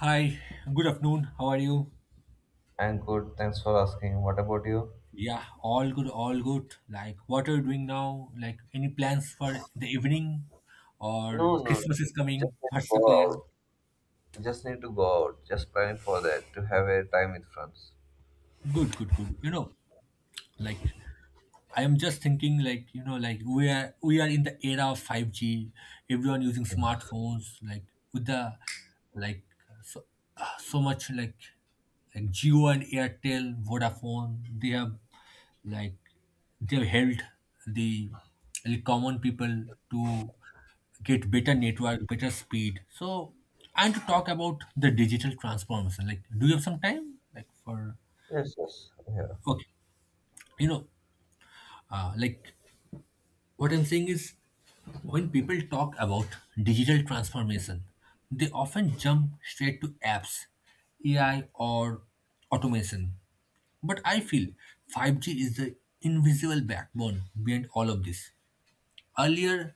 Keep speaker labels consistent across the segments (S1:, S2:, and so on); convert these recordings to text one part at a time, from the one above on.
S1: Hi, good afternoon. How are you?
S2: I'm good. Thanks for asking. What about you?
S1: Yeah, all good, all good. Like, what are you doing now? Like, any plans for the evening or
S2: No, no.
S1: Christmas is
S2: Just
S1: coming?
S2: need to
S1: What's
S2: go
S1: the plan?
S2: out. Just need to go out. Just planning for that to have a time with friends.
S1: Good, good, good. You know, like, I am just thinking like like we are in the era of 5G, everyone using smartphones like with the like so so much like Jio and Airtel Vodafone, they have, like, they have helped the the common people to get better network, better speed. So, and to talk about the digital transformation, like, do you have some time like for...
S2: Yes, yes. Yeah.
S1: Okay. you know like, what I'm saying is, when people talk about digital transformation, they often jump straight to apps, AI, or automation. But I feel 5G is the invisible backbone behind all of this. Earlier,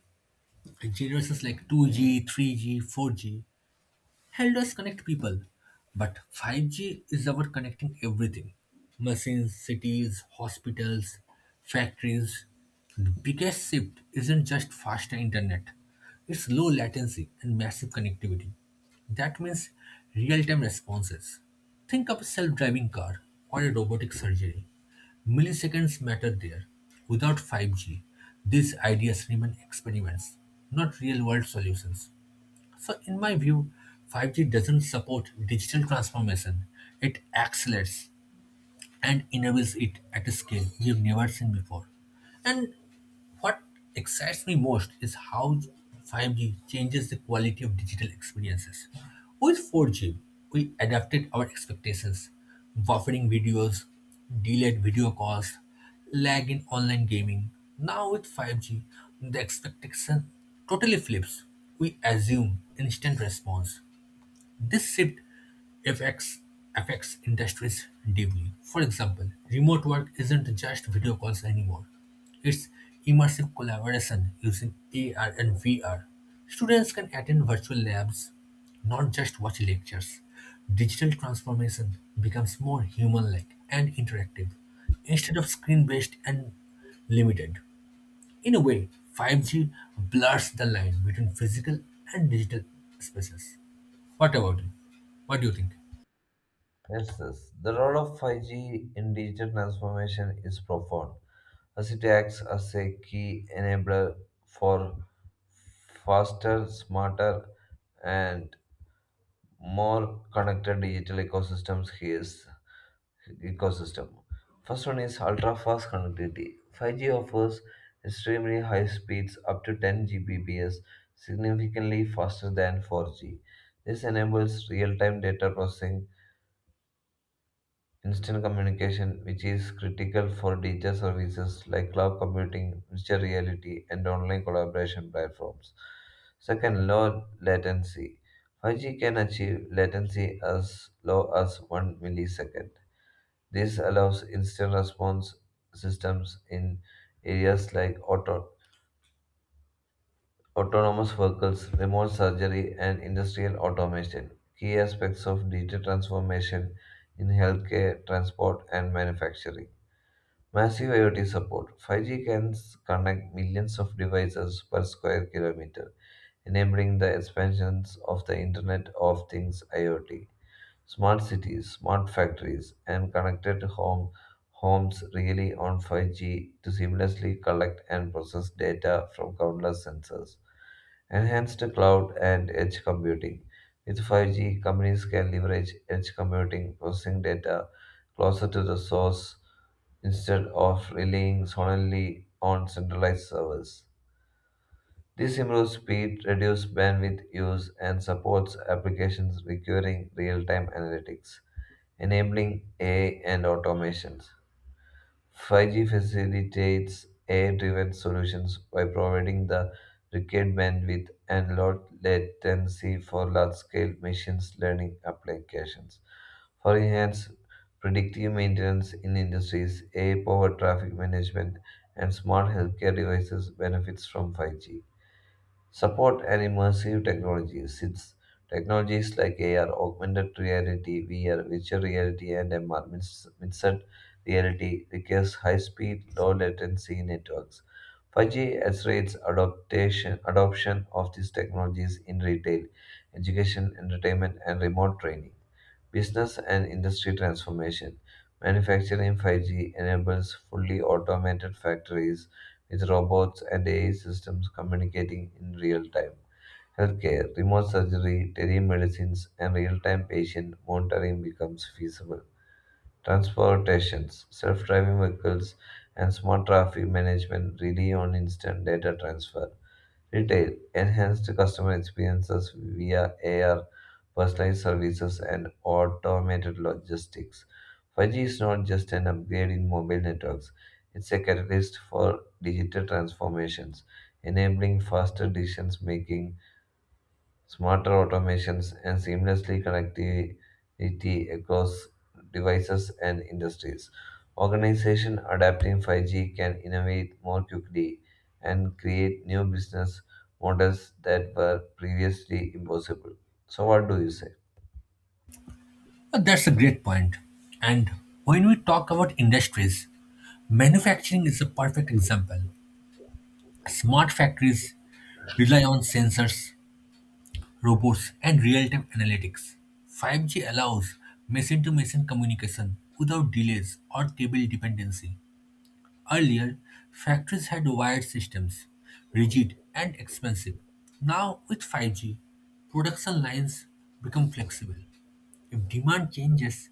S1: generations like 2G, 3G, 4G help us connect people, but 5G is about connecting everything: machines, cities, hospitals, factories. The biggest shift isn't just faster internet, it's low latency and massive connectivity. That means real time responses. Think of a self driving car or a robotic surgery. Milliseconds matter there. Without 5G, these ideas remain experiments, not real world solutions. So, in my view, 5G doesn't support digital transformation, it accelerates and enables it at a scale we have never seen before. And what excites me most is how 5G changes the quality of digital experiences. With 4G, we adapted our expectations: buffering videos, delayed video calls, lag in online gaming. Now with 5G, the expectation totally flips. We assume instant response. This shift affects, affects industries deeply. For example, remote work isn't just video calls anymore, it's immersive collaboration using AR and VR. Students can attend virtual labs, not just watch lectures. Digital transformation becomes more human like and interactive instead of screen based and limited. In a way, 5G blurs the line between physical and digital spaces. What about it? What do you think?
S2: Yes, yes. The role of 5G in digital transformation is profound as it acts as a key enabler for faster, smarter, and more connected digital ecosystems here is ecosystem. First one is ultra-fast connectivity. 5G offers extremely high speeds up to 10 Gbps, significantly faster than 4G. This enables real-time data processing Instant communication, which is critical for digital services like cloud computing, virtual reality, and online collaboration platforms. Second, low latency. 5G can achieve latency as low as 1 millisecond. This allows instant response systems in areas like autonomous vehicles, remote surgery, and industrial automation, key aspects of digital transformation in healthcare, transport, and manufacturing. Massive IoT support 5G can connect millions of devices per square kilometer, enabling the expansions of the Internet of Things IoT. Smart cities, smart factories, and connected homes really on 5G to seamlessly collect and process data from countless sensors. Enhanced cloud and edge computing. With 5G, companies can leverage edge computing, processing data closer to the source instead of relying solely on centralized servers. This improves speed, reduces bandwidth use, and supports applications requiring real time analytics enabling AI and automations. 5G facilitates AI-driven solutions by providing the required bandwidth and low latency for large-scale machine learning applications. For enhanced predictive maintenance in industries, AI-powered traffic management and smart healthcare devices benefits from 5G. Support and immersive technologies. It's technologies like AR, augmented reality, VR, virtual reality, and MR, mixed reality requires high-speed, low-latency networks. 5G accelerates adoption of these technologies in retail, education, entertainment, and remote training. Business and industry transformation. Manufacturing in 5G enables fully automated factories with robots and AI systems communicating in real time. Healthcare, remote surgery, telemedicines, and real time patient monitoring becomes feasible. Transportations, self driving vehicles, and smart traffic management rely on instant data transfer Retail enhanced customer experiences via AR, personalized services, and automated logistics. 5G is not just an upgrade in mobile networks, it's a catalyst for digital transformations, enabling faster decision making, smarter automations, and seamlessly connectivity across devices and industries. Organization adapting 5G can innovate more quickly and create new business models that were previously impossible. So, what do you say?
S1: That's a great point. And when we talk about industries, manufacturing is a perfect example. Smart factories rely on sensors, robots, and real time analytics. 5G allows machine to machine communication without delays or cable dependency. Earlier, factories had wired systems, rigid and expensive. Now, with 5G, production lines become flexible. If demand changes,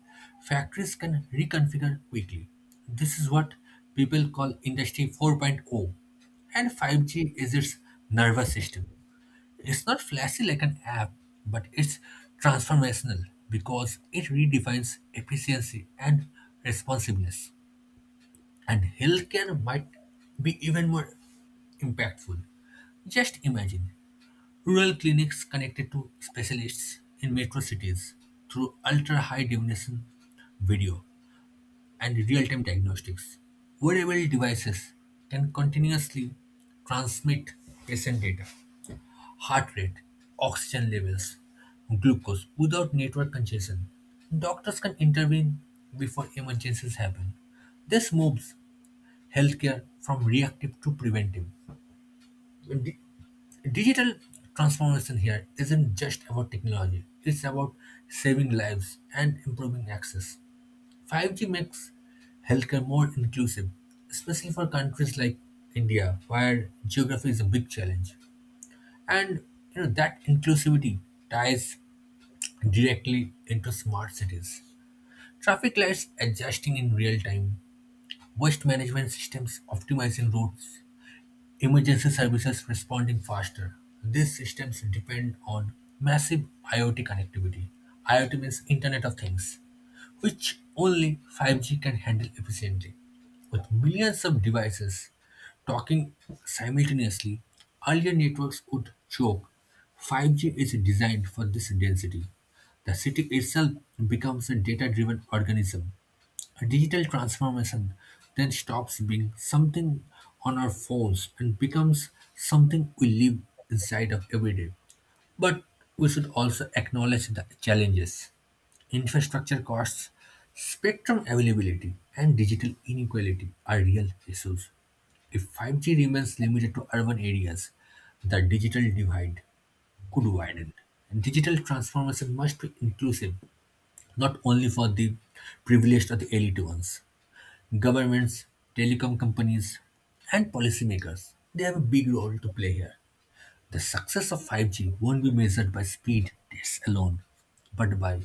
S1: factories can reconfigure quickly. This is what people call Industry 4.0. And 5G is its nervous system. It's not flashy like an app, but it's transformational because it redefines efficiency and responsiveness. And healthcare might be even more impactful. Just imagine rural clinics connected to specialists in metro cities through ultra high definition video and real time diagnostics. Wearable devices can continuously transmit patient data, heart rate, oxygen levels, glucose without network congestion. Doctors can intervene before emergencies happen. This moves healthcare from reactive to preventive. Digital transformation here isn't just about technology, it's about saving lives and improving access. 5G makes healthcare more inclusive, especially for countries like India, where geography is a big challenge. And you know that inclusivity ties directly into smart cities. Traffic lights adjusting in real time, waste management systems optimizing routes, emergency services responding faster. These systems depend on massive IoT connectivity. IoT means Internet of Things, which only 5G can handle efficiently. With millions of devices talking simultaneously, earlier networks would choke. 5G is designed for this density. The city itself becomes a data driven organism. A digital transformation then stops being something on our phones and becomes something we live inside of every day. But we should also acknowledge the challenges: infrastructure costs, spectrum availability, and digital inequality are real issues. If 5G remains limited to urban areas, the digital divide could widen. Digital transformation must be inclusive, not only for the privileged or the elite ones. Governments, telecom companies, and policymakers, they have a big role to play here. The success of 5G won't be measured by speed tests alone, but by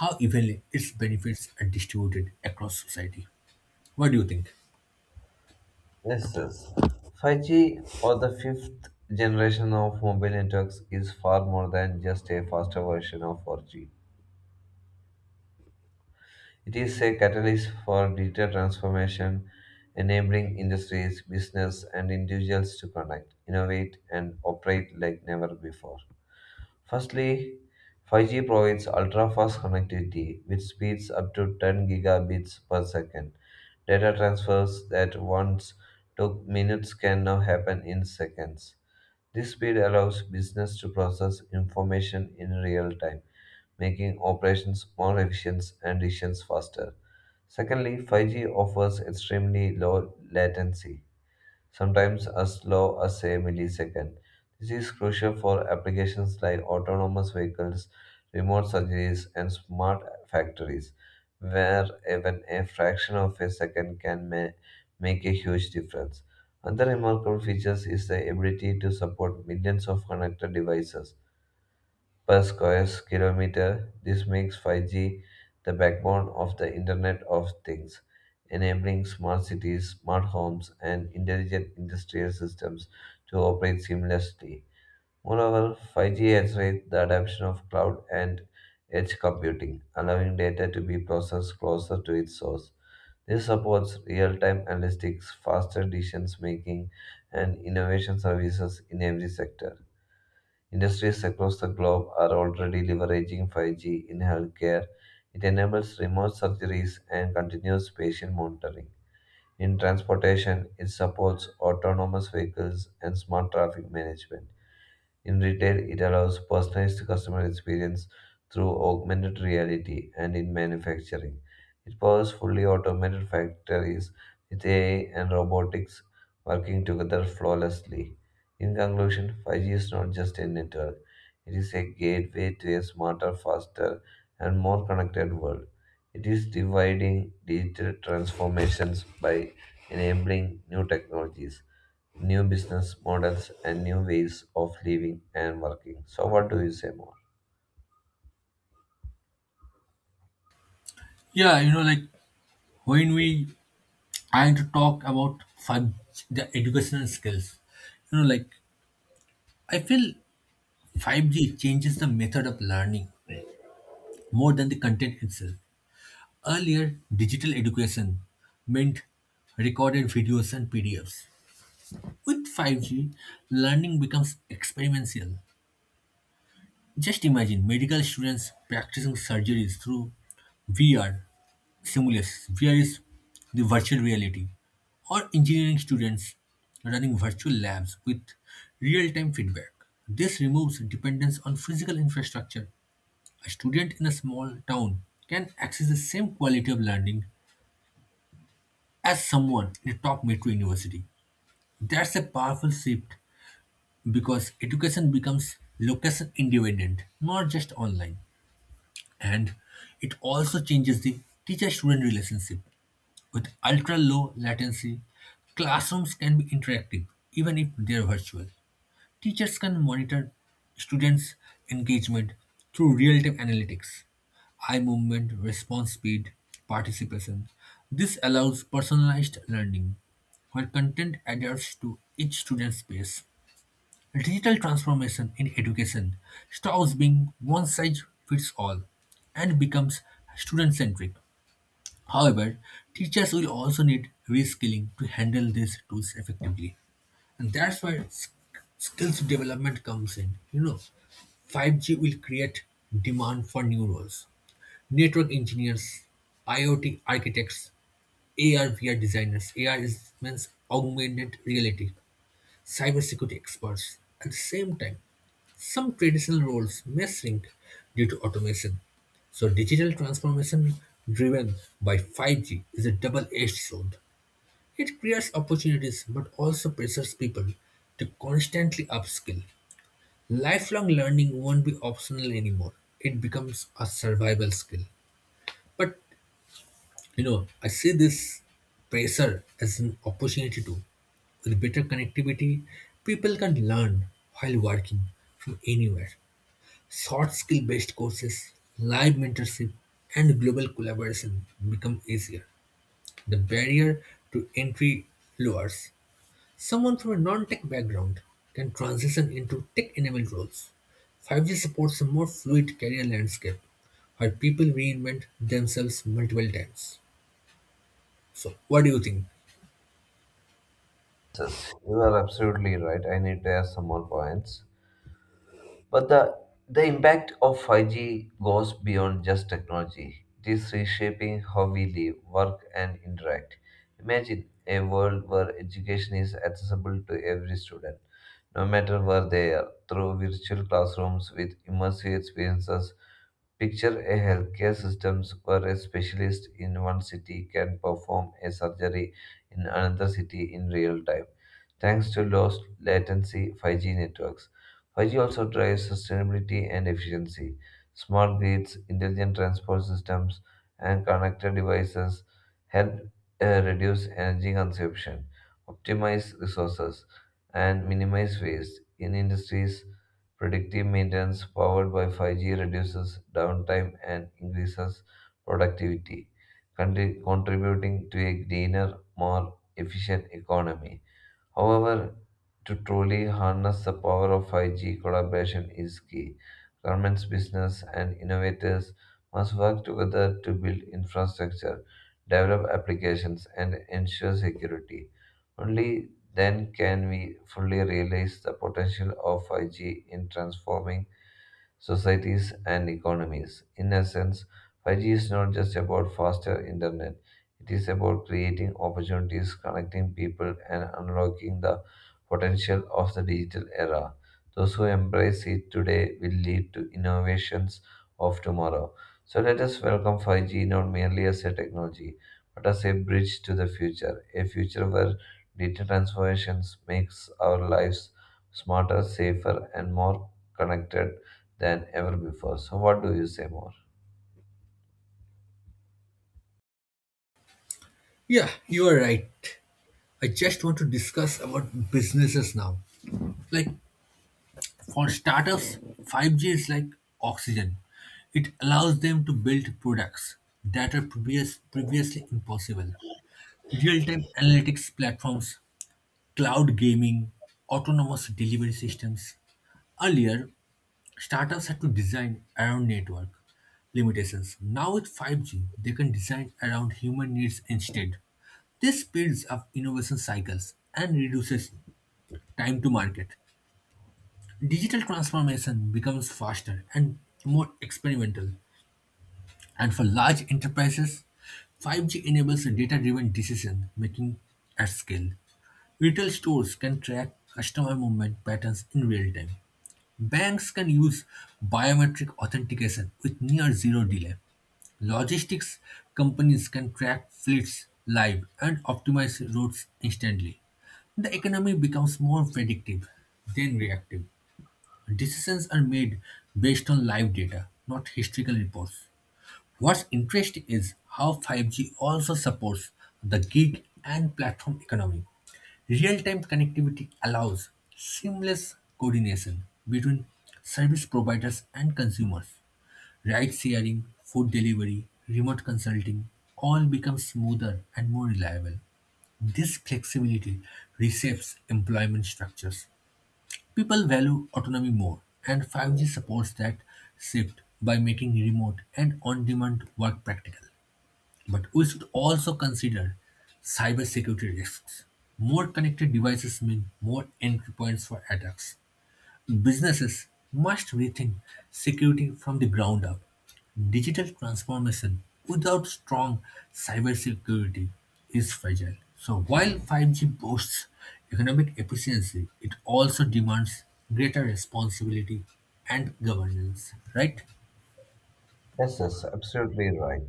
S1: how evenly its benefits are distributed across society. What do you think?
S2: Yes, yes. 5G or the fifth generation of mobile networks is far more than just a faster version of 4G. It is a catalyst for digital transformation, enabling industries, business, and individuals to connect, innovate, and operate like never before. Firstly, 5G provides ultra-fast connectivity with speeds up to 10 gigabits per second. Data transfers that once took minutes can now happen in seconds. This speed allows business to process information in real time, making operations more efficient and decisions faster. Secondly, 5G offers extremely low latency sometimes as low as a millisecond. This is crucial for applications like autonomous vehicles, remote surgeries, and smart factories, where even a fraction of a second can make a huge difference. Another remarkable feature is the ability to support millions of connected devices per square kilometer. This makes 5G the backbone of the Internet of Things, enabling smart cities, smart homes, and intelligent industrial systems to operate seamlessly. Moreover, 5G accelerates the adoption of cloud and edge computing, allowing data to be processed closer to its source. This supports real-time analytics, faster decision making, and innovation services in every sector. Industries across the globe are already leveraging 5G in healthcare. It enables remote surgeries and continuous patient monitoring. In transportation, it supports autonomous vehicles and smart traffic management. In retail, it allows personalized customer experience through augmented reality, and in manufacturing, it powers fully automated factories with AI and robotics working together flawlessly. In conclusion, 5G is not just a network, it is a gateway to a smarter, faster, and more connected world. It is dividing digital transformations by enabling new technologies new business models and new ways of living and working. So, what do you say more?
S1: Yeah, you know, like, when we trying to talk about 5 G, the educational skills, you know, like, I feel 5G changes the method of learning more than the content itself. Earlier, digital education meant recorded videos and PDFs. With 5G, learning becomes experiential. Just imagine medical students practicing surgeries through VR simulations. VR is the virtual reality. Or engineering students running virtual labs with real time feedback. This removes dependence on physical infrastructure. A student in a small town can access the same quality of learning as someone in a top metro university. That's a powerful shift because education becomes location independent, not just online. And it also changes the teacher student relationship. With ultra low latency, classrooms can be interactive even if they're virtual. Teachers can monitor students' engagement through real time analytics: eye movement, response speed, participation. This allows personalized learning, where content adheres to each student's pace. Digital transformation in education stops being one size fits all and becomes student centric. However, teachers will also need reskilling to handle these tools effectively. And that's where skills development comes in. You know, 5G will create demand for new roles: network engineers, IoT architects, AR VR designers. AR is, means augmented reality, cybersecurity experts. At the same time, some traditional roles may shrink due to automation. So digital transformation driven by 5G is a double-edged sword. It creates opportunities but also pressures people to constantly upskill. Lifelong learning won't be optional anymore. It becomes a survival skill. But, you know, I see this pressure as an opportunity too. With better connectivity, people can learn while working from anywhere. Short skill based courses, live mentorship, and global collaboration become easier. The barrier to entry lowers. Someone from a non-tech background can transition into tech-enabled roles. 5G supports a more fluid career landscape where people reinvent themselves multiple times. So, what do you think?
S2: You are absolutely right. I need to add some more points. But the impact of 5G goes beyond just technology. It is reshaping how we live, work, and interact. Imagine a world where education is accessible to every student, no matter where they are, through virtual classrooms with immersive experiences Picture a healthcare system where a specialist in one city can perform a surgery in another city in real time, thanks to low latency 5G networks. 5G also drives sustainability and efficiency. Smart grids, intelligent transport systems, and connected devices help reduce energy consumption, optimize resources, and minimize waste in industries Predictive maintenance powered by 5G reduces downtime and increases productivity, contributing to a greener, more efficient economy. However, to truly harness the power of 5G, collaboration is key. Governments, business, and innovators must work together to build infrastructure, develop applications, and ensure security. Only then can we fully realize the potential of 5G in transforming societies, and economies. In essence, 5G is not just about faster internet, it is about creating opportunities, connecting people, and unlocking the potential of the digital era. Those who embrace it today will lead to innovations of tomorrow. So let us welcome 5G not merely as a technology, but as a bridge to the future, a future where digital transformations makes our lives smarter, safer, and more connected than ever before. So, what do you say more?
S1: Yeah, you are right. I just want to discuss about businesses now. Like, for startups, 5G is like oxygen. It allows them to build products that are previously impossible. Real-time analytics platforms, cloud gaming, autonomous delivery systems. Earlier, startups had to design around network limitations. Now, with 5G, they can design around human needs instead. This speeds up innovation cycles and reduces time to market. Digital transformation becomes faster and more experimental. And for large enterprises, 5G enables data-driven decision making at scale. Retail stores can track customer movement patterns in real time. Banks can use biometric authentication with near zero delay. Logistics companies can track fleets live and optimize routes instantly. The economy becomes more predictive than reactive. Decisions are made based on live data, not historical reports. What's interesting is how 5G also supports the gig and platform economy. Real-time connectivity allows seamless coordination between service providers and consumers. Ride sharing, food delivery, remote consulting all become smoother and more reliable. This flexibility reshapes employment structures. People value autonomy more, and 5G supports that shift by making remote and on-demand work practical. But we should also consider cybersecurity risks. More connected devices mean more entry points for attacks. Businesses must rethink security from the ground up. Digital transformation without strong cybersecurity is fragile. So while 5G boasts economic efficiency, it also demands greater responsibility and governance, right?
S2: Yes, yes, absolutely right.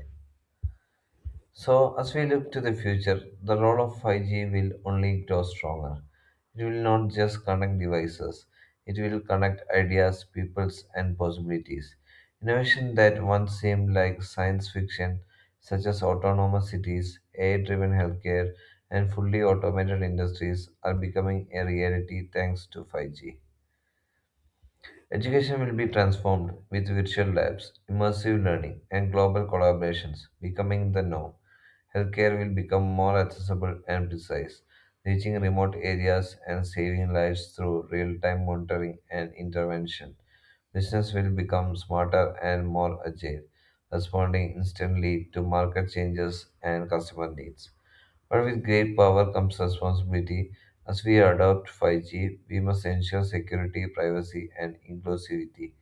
S2: So, as we look to the future, the role of 5G will only grow stronger. It will not just connect devices, it will connect ideas, peoples, and possibilities. Innovation that once seemed like science fiction, such as autonomous cities, AI driven healthcare, and fully automated industries, are becoming a reality thanks to 5G. Education will be transformed with virtual labs, immersive learning, and global collaborations becoming the norm. Healthcare will become more accessible and precise, reaching remote areas and saving lives through real time monitoring and intervention. Business will become smarter and more agile, responding instantly to market changes and customer needs. But with great power comes responsibility. As we adopt 5G, we must ensure security, privacy, and inclusivity.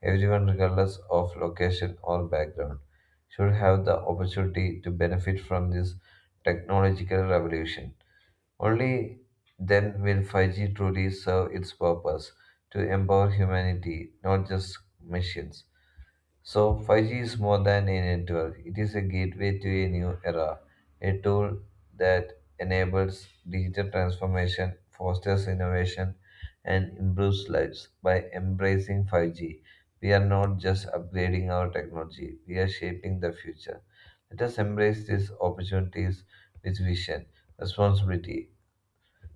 S2: Everyone, regardless of location or background, should have the opportunity to benefit from this technological revolution. Only then will 5G truly serve its purpose to empower humanity, not just machines. So 5G is more than a network. It is a gateway to a new era, a tool that enables digital transformation, fosters innovation, and improves lives. By embracing 5G, we are not just upgrading our technology, we are shaping the future. Let us embrace these opportunities with vision, responsibility,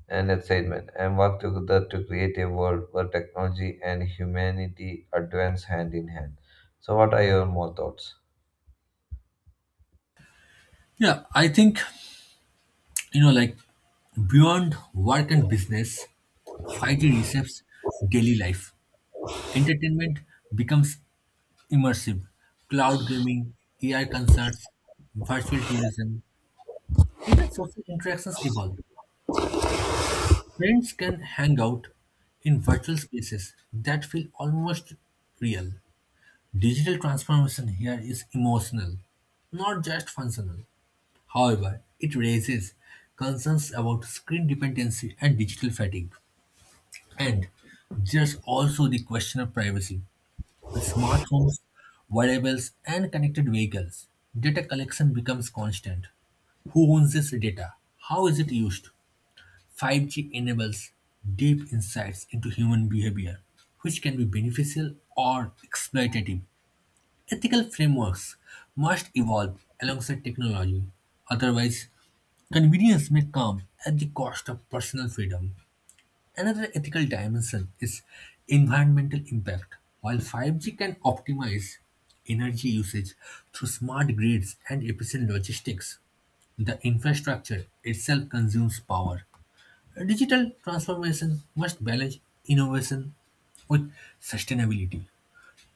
S2: and excitement, and work together to create a world where technology and humanity advance hand in hand. So, what are your more thoughts?
S1: Yeah, I think, you know, like, beyond work and business, 5G reshapes daily life. Entertainment becomes immersive. Cloud gaming, AI concerts, virtual tourism, even social interactions evolve. Friends can hang out in virtual spaces that feel almost real. Digital transformation here is emotional, not just functional. However, it raises concerns about screen dependency and digital fatigue. And there's also the question of privacy. With smart homes, wearables, and connected vehicles, data collection becomes constant. Who owns this data? How is it used? 5G enables deep insights into human behavior, which can be beneficial or exploitative. Ethical frameworks must evolve alongside technology, otherwise, convenience may come at the cost of personal freedom. Another ethical dimension is environmental impact. While 5G can optimize energy usage through smart grids and efficient logistics, the infrastructure itself consumes power. Digital transformation must balance innovation with sustainability.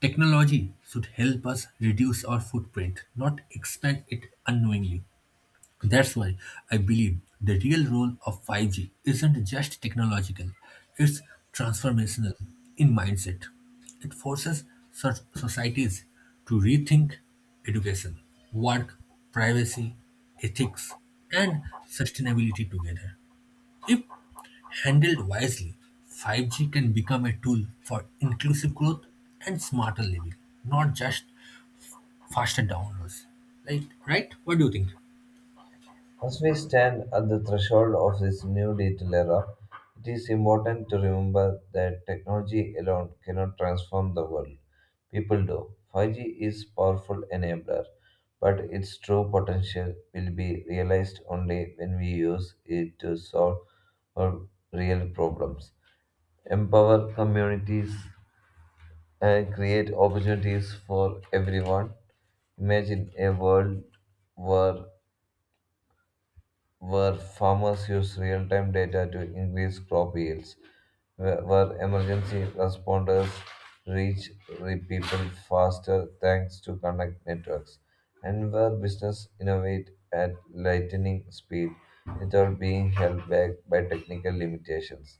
S1: Technology should help us reduce our footprint, not expand it unknowingly. That's why I believe the real role of 5G isn't just technological, it's transformational in mindset. It forces such societies to rethink education, work, privacy, ethics, and sustainability together. If handled wisely, 5G can become a tool for inclusive growth and smarter living, not just faster downloads. Right? Right? What do you think?
S2: As we stand at the threshold of this new digital era, it is important to remember that technology alone cannot transform the world. People do. 5G is powerful enabler, but its true potential will be realized only when we use it to solve our real problems, empower communities, and create opportunities for everyone. Imagine a world where where farmers use real time data to increase crop yields, where emergency responders reach people faster thanks to connect networks, and where business innovate at lightning speed without being held back by technical limitations.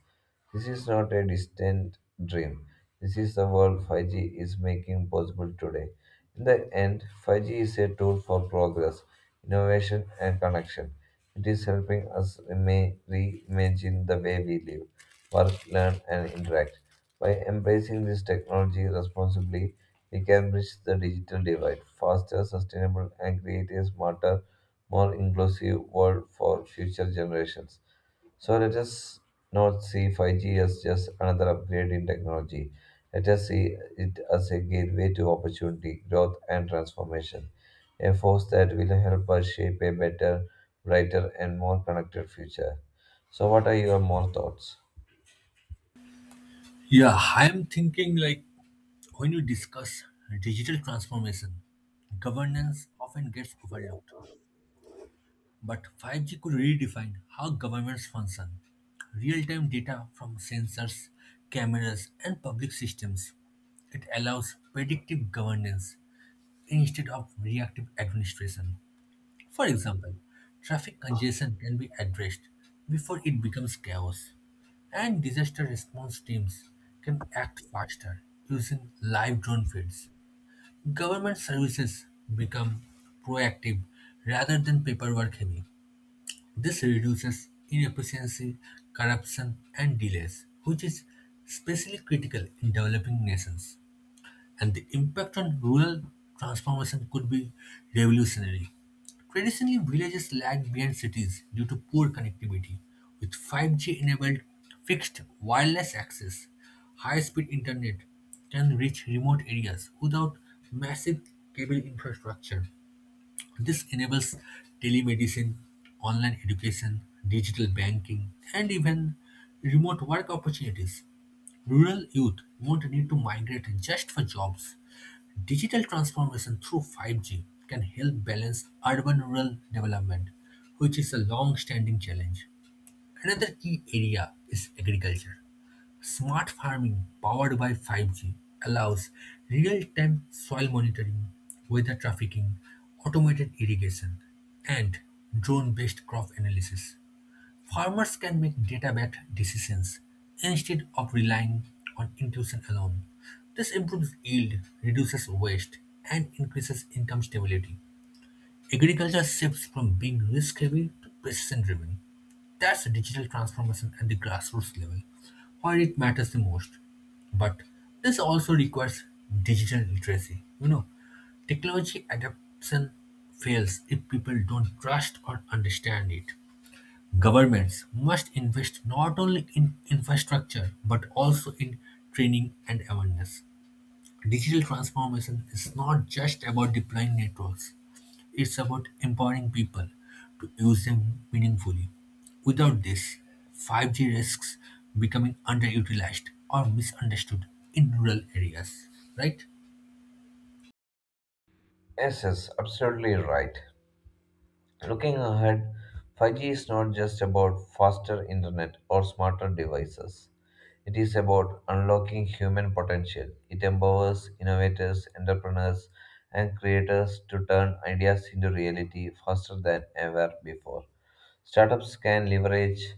S2: This is not a distant dream. This is the world 5G is making possible today. In the end, 5G is a tool for progress, innovation, and connection. It is helping us reimagine the way we live, work, learn, and interact. By embracing this technology responsibly, we can bridge the digital divide, faster, sustainable, and create a smarter, more inclusive world for future generations. So let us not see 5G as just another upgrade in technology. Let us see it as a gateway to opportunity, growth, and transformation, a force that will help us shape a better, brighter, and more connected future. So, what are your more thoughts?
S1: Yeah, I'm thinking like, when you discuss digital transformation, governance often gets overlooked. But 5G could redefine how governments function. Real time data from sensors, cameras, and public systems. It allows predictive governance instead of reactive administration. For example, traffic congestion can be addressed before it becomes chaos, and disaster response teams can act faster using live drone feeds. Government services become proactive rather than paperwork heavy. This reduces inefficiency, corruption, and delays, which is especially critical in developing nations. And the impact on rural transformation could be revolutionary. Traditionally, villages lagged behind cities due to poor connectivity. With 5G enabled fixed wireless access, high speed internet can reach remote areas without massive cable infrastructure. This enables telemedicine, online education, digital banking, and even remote work opportunities. Rural youth won't need to migrate just for jobs. Digital transformation through 5G can help balance urban rural development, which is a long standing challenge. Another key area is agriculture. Smart farming powered by 5G allows real-time soil monitoring, weather trafficking, automated irrigation, and drone-based crop analysis. Farmers can make data-backed decisions instead of relying on intuition alone. This improves yield, reduces waste, and increases income stability. Agriculture shifts from being risk-heavy to precision-driven. That's a digital transformation at the grassroots level, where it matters the most. But this also requires digital literacy. You know, technology adoption fails if people don't trust or understand it. Governments must invest not only in infrastructure but also in training and awareness. Digital transformation is not just about deploying networks. It's about empowering people to use them meaningfully. Without this, 5G risks becoming underutilized or misunderstood in rural areas, right?
S2: Yes, yes, absolutely right. Looking ahead, 5G is not just about faster internet or smarter devices. It is about unlocking human potential. It empowers innovators, entrepreneurs, and creators to turn ideas into reality faster than ever before. Startups can leverage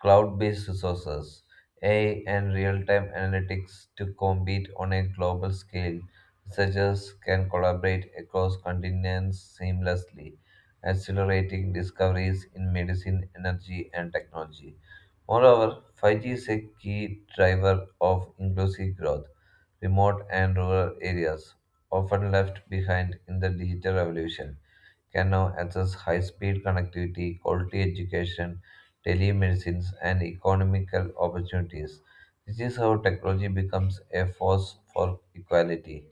S2: cloud based resources, AI, and real time analytics to compete on a global scale. Researchers can collaborate across continents seamlessly, accelerating discoveries in medicine, energy, and technology. Moreover, 5G is a key driver of inclusive growth. Remote and rural areas, often left behind in the digital revolution, can now access high speed connectivity, quality education, telemedicine, and economical opportunities. This is how technology becomes a force for equality,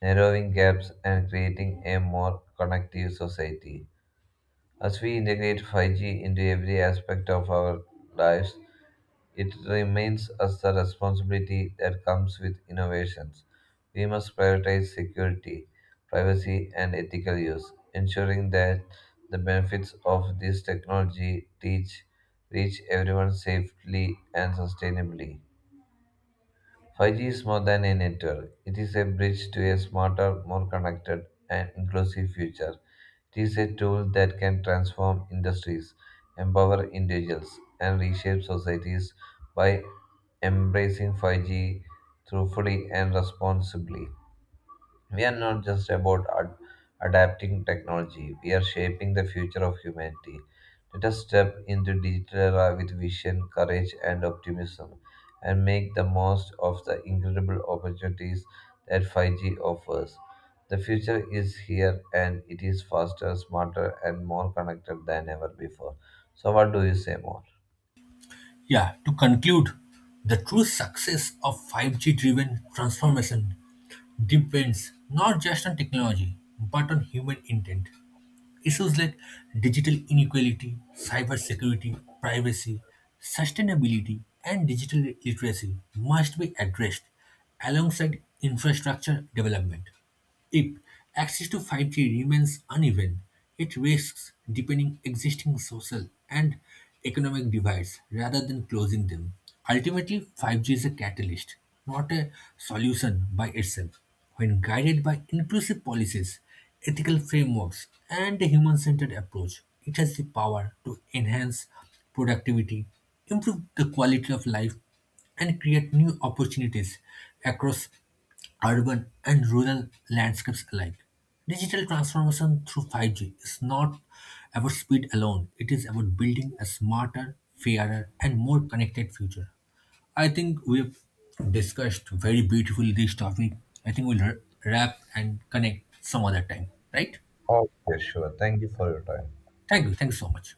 S2: narrowing gaps and creating a more connective society. As we integrate 5G into every aspect of our lives, it remains as the responsibility that comes with innovations. We must prioritize security, privacy, and ethical use, ensuring that the benefits of this technology reach everyone safely and sustainably. 5G is more than a network. It is a bridge to a smarter, more connected, and inclusive future. It is a tool that can transform industries, empower individuals, and reshape societies by embracing 5G truthfully and responsibly. We are not just about adapting technology, we are shaping the future of humanity. Let us step into digital era with vision, courage, and optimism, and make the most of the incredible opportunities that 5G offers. The future is here, and it is faster, smarter, and more connected than ever before. So, what do you say more?
S1: Yeah, to conclude, the true success of 5G driven transformation depends not just on technology but on human intent. Issues like digital inequality, cybersecurity, privacy, sustainability, and digital literacy must be addressed alongside infrastructure development. If access to 5G remains uneven, it risks deepening existing social and economic divides rather than closing them. Ultimately, 5G is a catalyst, not a solution by itself. When guided by inclusive policies, ethical frameworks, and a human centered approach, it has the power to enhance productivity, improve the quality of life, and create new opportunities across urban and rural landscapes alike. Digital transformation through 5G is not about speed alone, it is about building a smarter, fairer, and more connected future. I think we've discussed very beautifully this topic. I think we'll wrap and connect some other time, right?
S2: Okay, sure. Thank you for your time.
S1: Thank you. Thank you so much.